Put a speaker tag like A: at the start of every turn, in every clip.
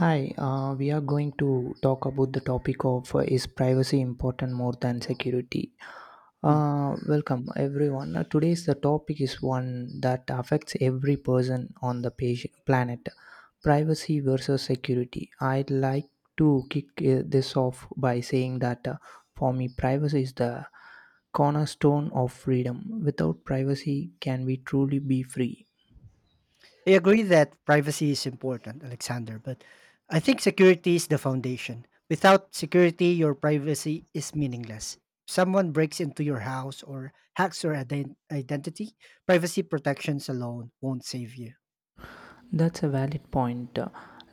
A: Hi, we are going to talk about the topic of is privacy important more than security?
B: Mm.
A: Welcome everyone. Today's the topic is one that affects every person on the planet. Privacy versus security. I'd like to kick this off by saying that for me, privacy is the cornerstone of freedom. Without privacy, can we truly be free?
B: I agree that privacy is important, Alexander, but I think security is the foundation. Without security, your privacy is meaningless. If someone breaks into your house or hacks your identity, privacy protections alone won't save you.
A: That's a valid point.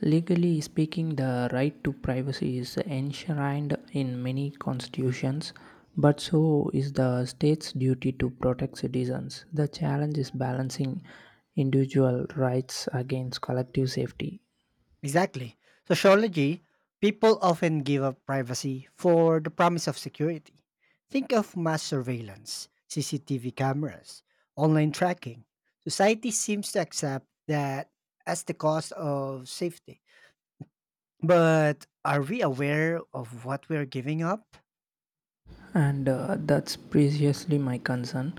A: Legally speaking, the right to privacy is enshrined in many constitutions, but so is the state's duty to protect citizens. The challenge is balancing individual rights against collective safety.
B: Exactly. Sociology, people often give up privacy for the promise of security. Think of mass surveillance, CCTV cameras, online tracking. Society seems to accept that as the cost of safety. But are we aware of what we're giving up?
A: And that's precisely my concern.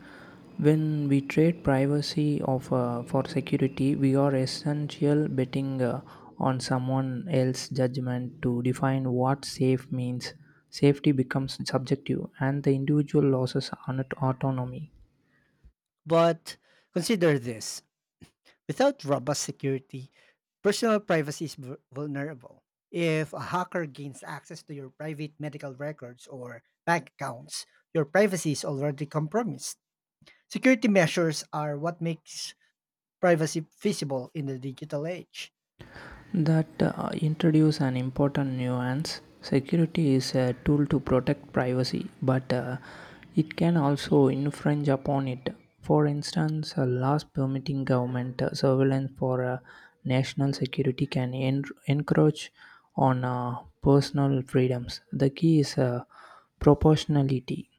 A: When we trade privacy of for security, we are essential betting on someone else's judgment to define what safe means. Safety becomes subjective, and the individual loses autonomy.
B: But consider this without robust security, personal privacy is vulnerable. If a hacker gains access to your private medical records or bank accounts, your privacy is already compromised. Security measures are what makes privacy feasible in the digital age.
A: That introduce an important nuance. Security is a tool to protect privacy, but it can also infringe upon it. For instance, laws permitting government surveillance for national security can encroach on personal freedoms. The key is proportionality.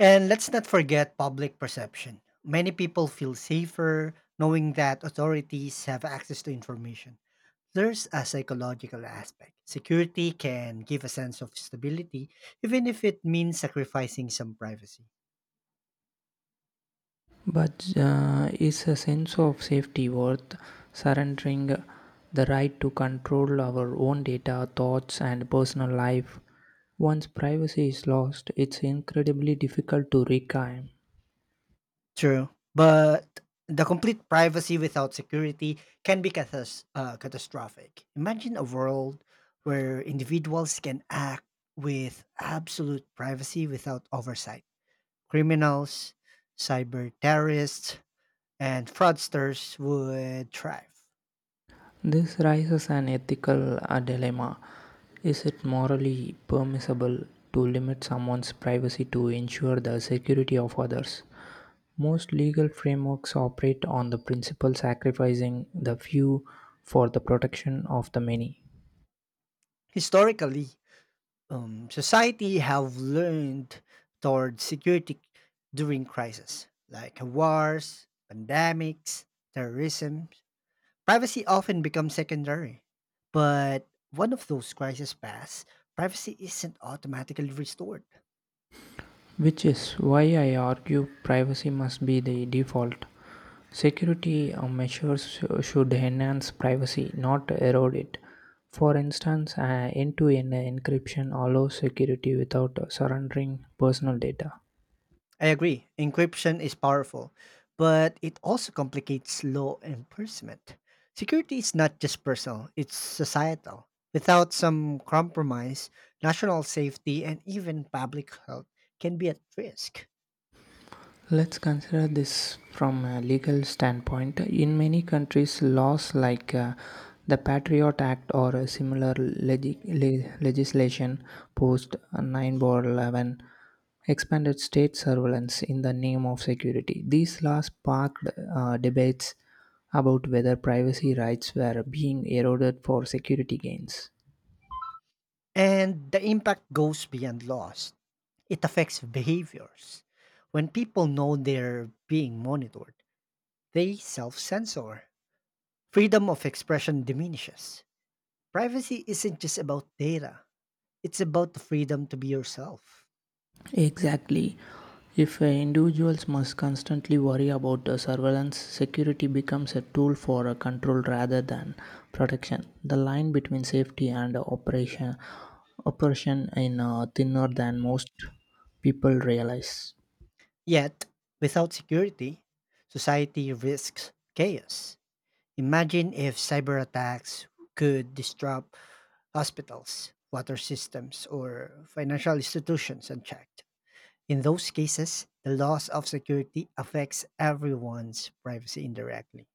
B: And let's not forget public perception. Many people feel safer knowing that authorities have access to information. There's a psychological aspect. Security can give a sense of stability, even if it means sacrificing some privacy.
A: But is a sense of safety worth surrendering the right to control our own data, thoughts, and personal life? Once privacy is lost, it's incredibly difficult to reclaim.
B: True. But the complete privacy without security can be catastrophic. Imagine a world where individuals can act with absolute privacy without oversight. Criminals, cyber terrorists, and fraudsters would thrive.
A: This raises an ethical dilemma. Is it morally permissible to limit someone's privacy to ensure the security of others? Most legal frameworks operate on the principle sacrificing the few for the protection of the many,
B: Historically, society have learned toward security during crisis, like wars, pandemics, terrorism. Privacy often becomes secondary. But one of those crises pass, privacy isn't automatically restored.
A: which is why I argue privacy must be the default. Security measures should enhance privacy, not erode it. For instance, end-to-end encryption allows security without surrendering personal data.
B: I agree. Encryption is powerful, but it also complicates law enforcement. Security is not just personal, it's societal. Without some compromise, national safety and even public health can be at risk.
A: Let's consider this from a legal standpoint. In many countries, laws like the Patriot Act or a similar legislation post 9/11 expanded state surveillance in the name of security. These laws sparked debates about whether privacy rights were being eroded for security gains.
B: And the impact goes beyond laws, it affects behaviors. When people know they're being monitored, they self censor. Freedom of expression diminishes. Privacy isn't just about data. It's about the freedom to be yourself.
A: Exactly. If individuals must constantly worry about the surveillance, security becomes a tool for control rather than protection. The line between safety and operation in thinner than most people realize.
B: Yet, without security, society risks chaos. Imagine if cyber attacks could disrupt hospitals, water systems, or financial institutions unchecked. In those cases, the loss of security affects everyone's privacy indirectly.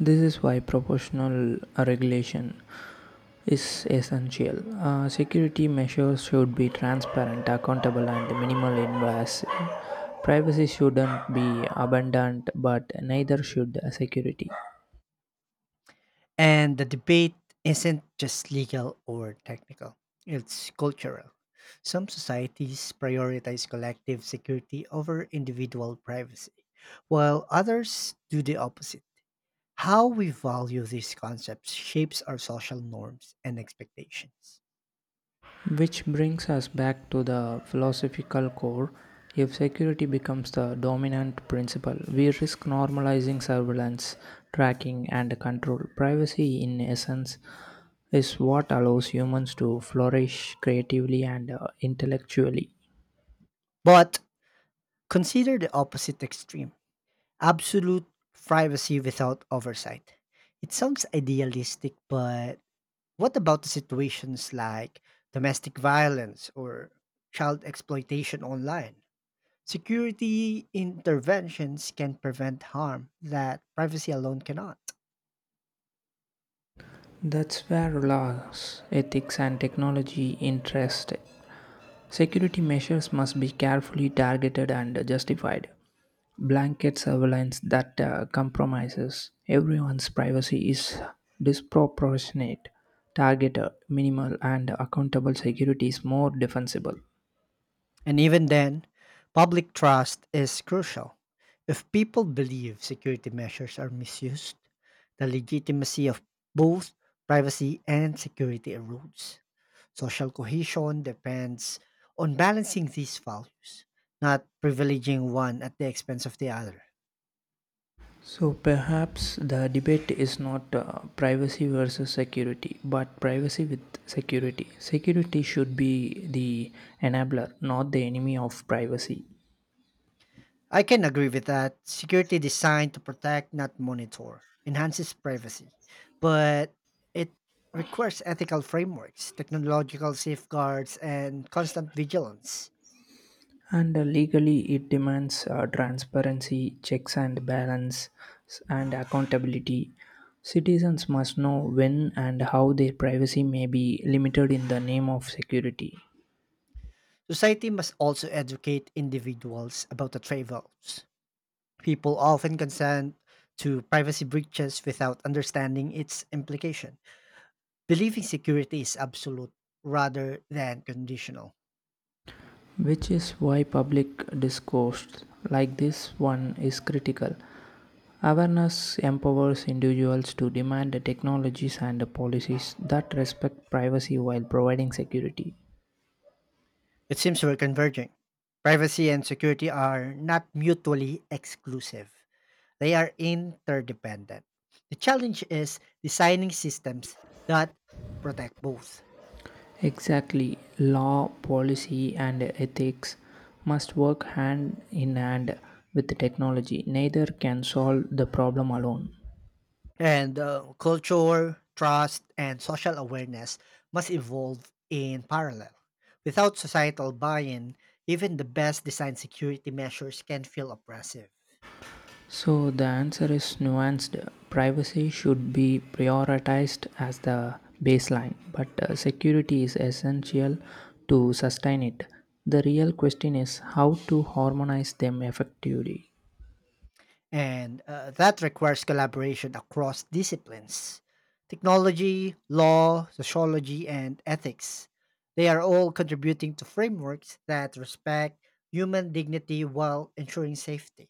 A: This is why proportional regulation is essential. Security measures should be transparent, accountable, and minimal invasive. Privacy shouldn't be abundant, but neither should security.
B: And the debate isn't just legal or technical, it's cultural. Some societies prioritize collective security over individual privacy, while others do the opposite. How we value these concepts shapes our social norms and expectations.
A: Which brings us back to the philosophical core. If security becomes the dominant principle, we risk normalizing surveillance, tracking, and control. Privacy, in essence, is what allows humans to flourish creatively and intellectually.
B: But consider the opposite extreme, absolute privacy without oversight. It sounds idealistic, but what about the situations like domestic violence or child exploitation online? Security interventions can prevent harm that privacy alone cannot.
A: That's where laws, ethics, and technology interest. Security measures must be carefully targeted and justified. Blanket surveillance that compromises everyone's privacy is disproportionate. Targeted, minimal, and accountable security is more defensible.
B: And even then, public trust is crucial. If people believe security measures are misused, the legitimacy of both privacy and security erodes. Social cohesion depends on balancing these values, not privileging one at the expense of the other.
A: So perhaps the debate is not privacy versus security, but privacy with security. Security should be the enabler, not the enemy of privacy.
B: I can agree with that. Security designed to protect, not monitor, enhances privacy, but it requires ethical frameworks, technological safeguards, and constant vigilance.
A: And legally, it demands transparency, checks and balance, and accountability. Citizens must know when and how their privacy may be limited in the name of security,
B: Society must also educate individuals about the trade offs. People often consent to privacy breaches without understanding its implication, believing security is absolute rather than conditional.
A: which is why public discourse like this one is critical. Awareness empowers individuals to demand the technologies and the policies that respect privacy while providing security.
B: It seems we're converging. Privacy and security are not mutually exclusive, they are interdependent. The challenge is designing systems that protect both.
A: Exactly, law, policy, and ethics must work hand in hand with the technology. Neither can solve the problem alone.
B: And culture, trust, and social awareness must evolve in parallel. Without societal buy in, even the best designed security measures can feel oppressive.
A: So the answer is nuanced. Privacy should be prioritized as the baseline, but security is essential to sustain it. The real question is how to harmonize them effectively.
B: And that requires collaboration across disciplines, technology, law, sociology, and ethics. They are all contributing to frameworks that respect human dignity while ensuring safety.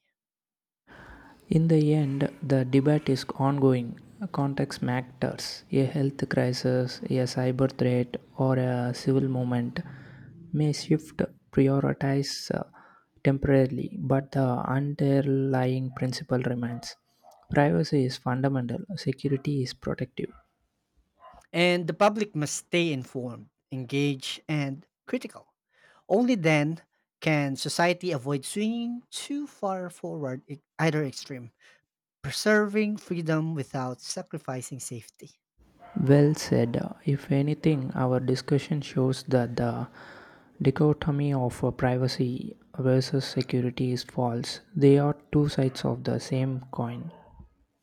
A: In the end, the debate is ongoing. Context matters. A health crisis, a cyber threat, or a civil movement may shift prioritize temporarily, but the underlying principle remains. Privacy is fundamental, security is protective.
B: And the public must stay informed, engaged, and critical. Only then can society avoid swinging too far forward either extreme, preserving freedom without sacrificing safety.
A: Well said. If anything, our discussion shows that the dichotomy of privacy versus security is false. They are two sides of the same coin.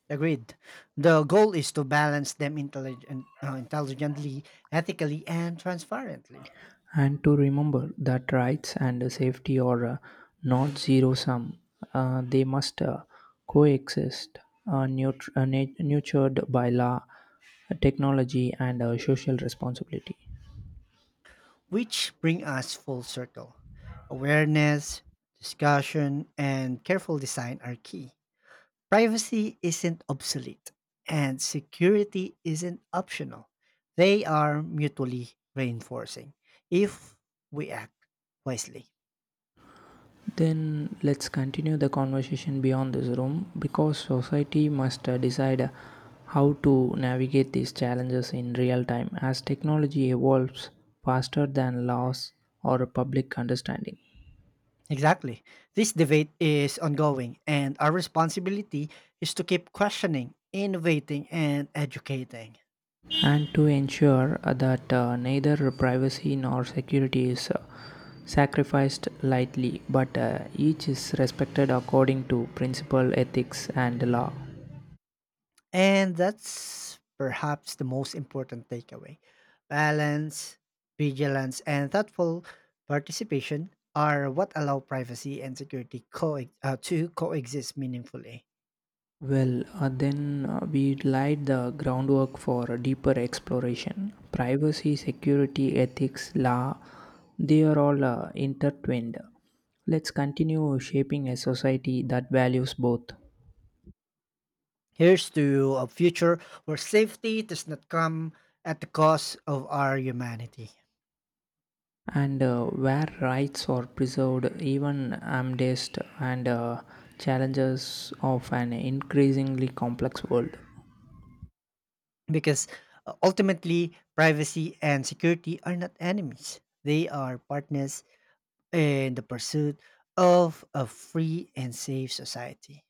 B: Agreed. The goal is to balance them intelligently, ethically, and transparently,
A: And to remember that rights and safety are not zero sum, they must coexist, nurtured by law, technology, and social responsibility.
B: which bring us full circle. Awareness, discussion, and careful design are key. Privacy isn't obsolete, and security isn't optional. They are mutually reinforcing if we act wisely.
A: Then let's continue the conversation beyond this room because society must decide how to navigate these challenges in real time as technology evolves faster than laws or public understanding.
B: Exactly. This debate is ongoing, and our responsibility is to keep questioning, innovating, and educating.
A: And to ensure that neither privacy nor security is sacrificed lightly, but each is respected according to principle, ethics, and law.
B: And that's perhaps the most important takeaway. Balance, vigilance, and thoughtful participation are what allow privacy and security to coexist meaningfully.
A: Well, then we laid the groundwork for a deeper exploration. Privacy, security, ethics, law, they are all intertwined. Let's continue shaping a society that values both,
B: Here's to a future where safety does not come at the cost of our humanity.
A: and where rights are preserved even amidst and challenges of an increasingly complex world.
B: Because ultimately, privacy and security are not enemies, they are partners in the pursuit of a free and safe society.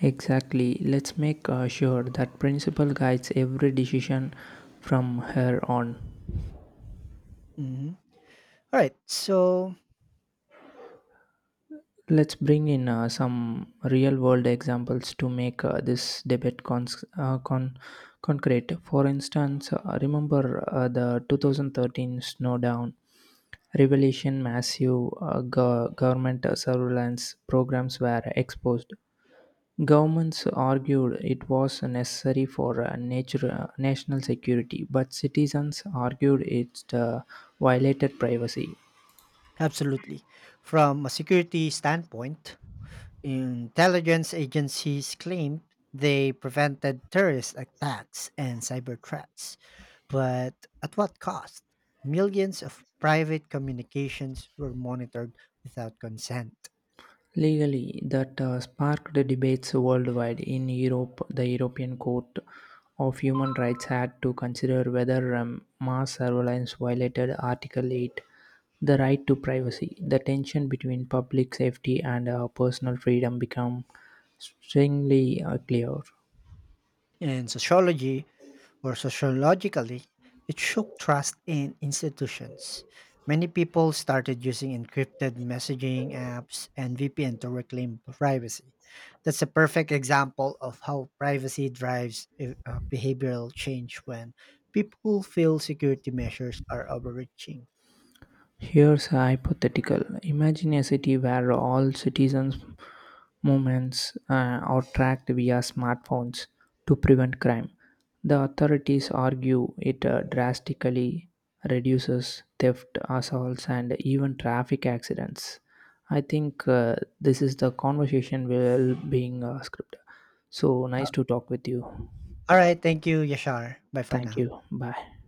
A: Exactly. Let's make sure that principle guides every decision from here on.
B: Mhm. Alright, so
A: Let's bring in some real world examples to make this debate concrete. For instance, remember the 2013 snowdown revelation, massive government surveillance programs were exposed. Governments argued it was necessary for national security, but citizens argued it violated privacy.
B: absolutely. From a security standpoint, intelligence agencies claim they prevented terrorist attacks and cyber threats. But at what cost? Millions of private communications were monitored without consent.
A: Legally that sparked debates worldwide in Europe. The European Court of Human Rights had to consider whether mass surveillance violated Article 8, the right to privacy. The tension between public safety and personal freedom became strongly clear.
B: In sociology, or sociologically, it shook trust in institutions. Many people started using encrypted messaging apps and VPN to reclaim privacy. That's a perfect example of how privacy drives behavioral change when people feel security measures are overreaching.
A: Here's a hypothetical. Imagine a city where all citizens' movements are tracked via smartphones to prevent crime. The authorities argue it drastically reduces theft, assaults, and even traffic accidents. I think this is the conversation will being scripted. So
B: Uh,
A: nice to talk with you.
B: all right, thank you, Yashar. Bye for
A: Thank
B: now.
A: you. Bye.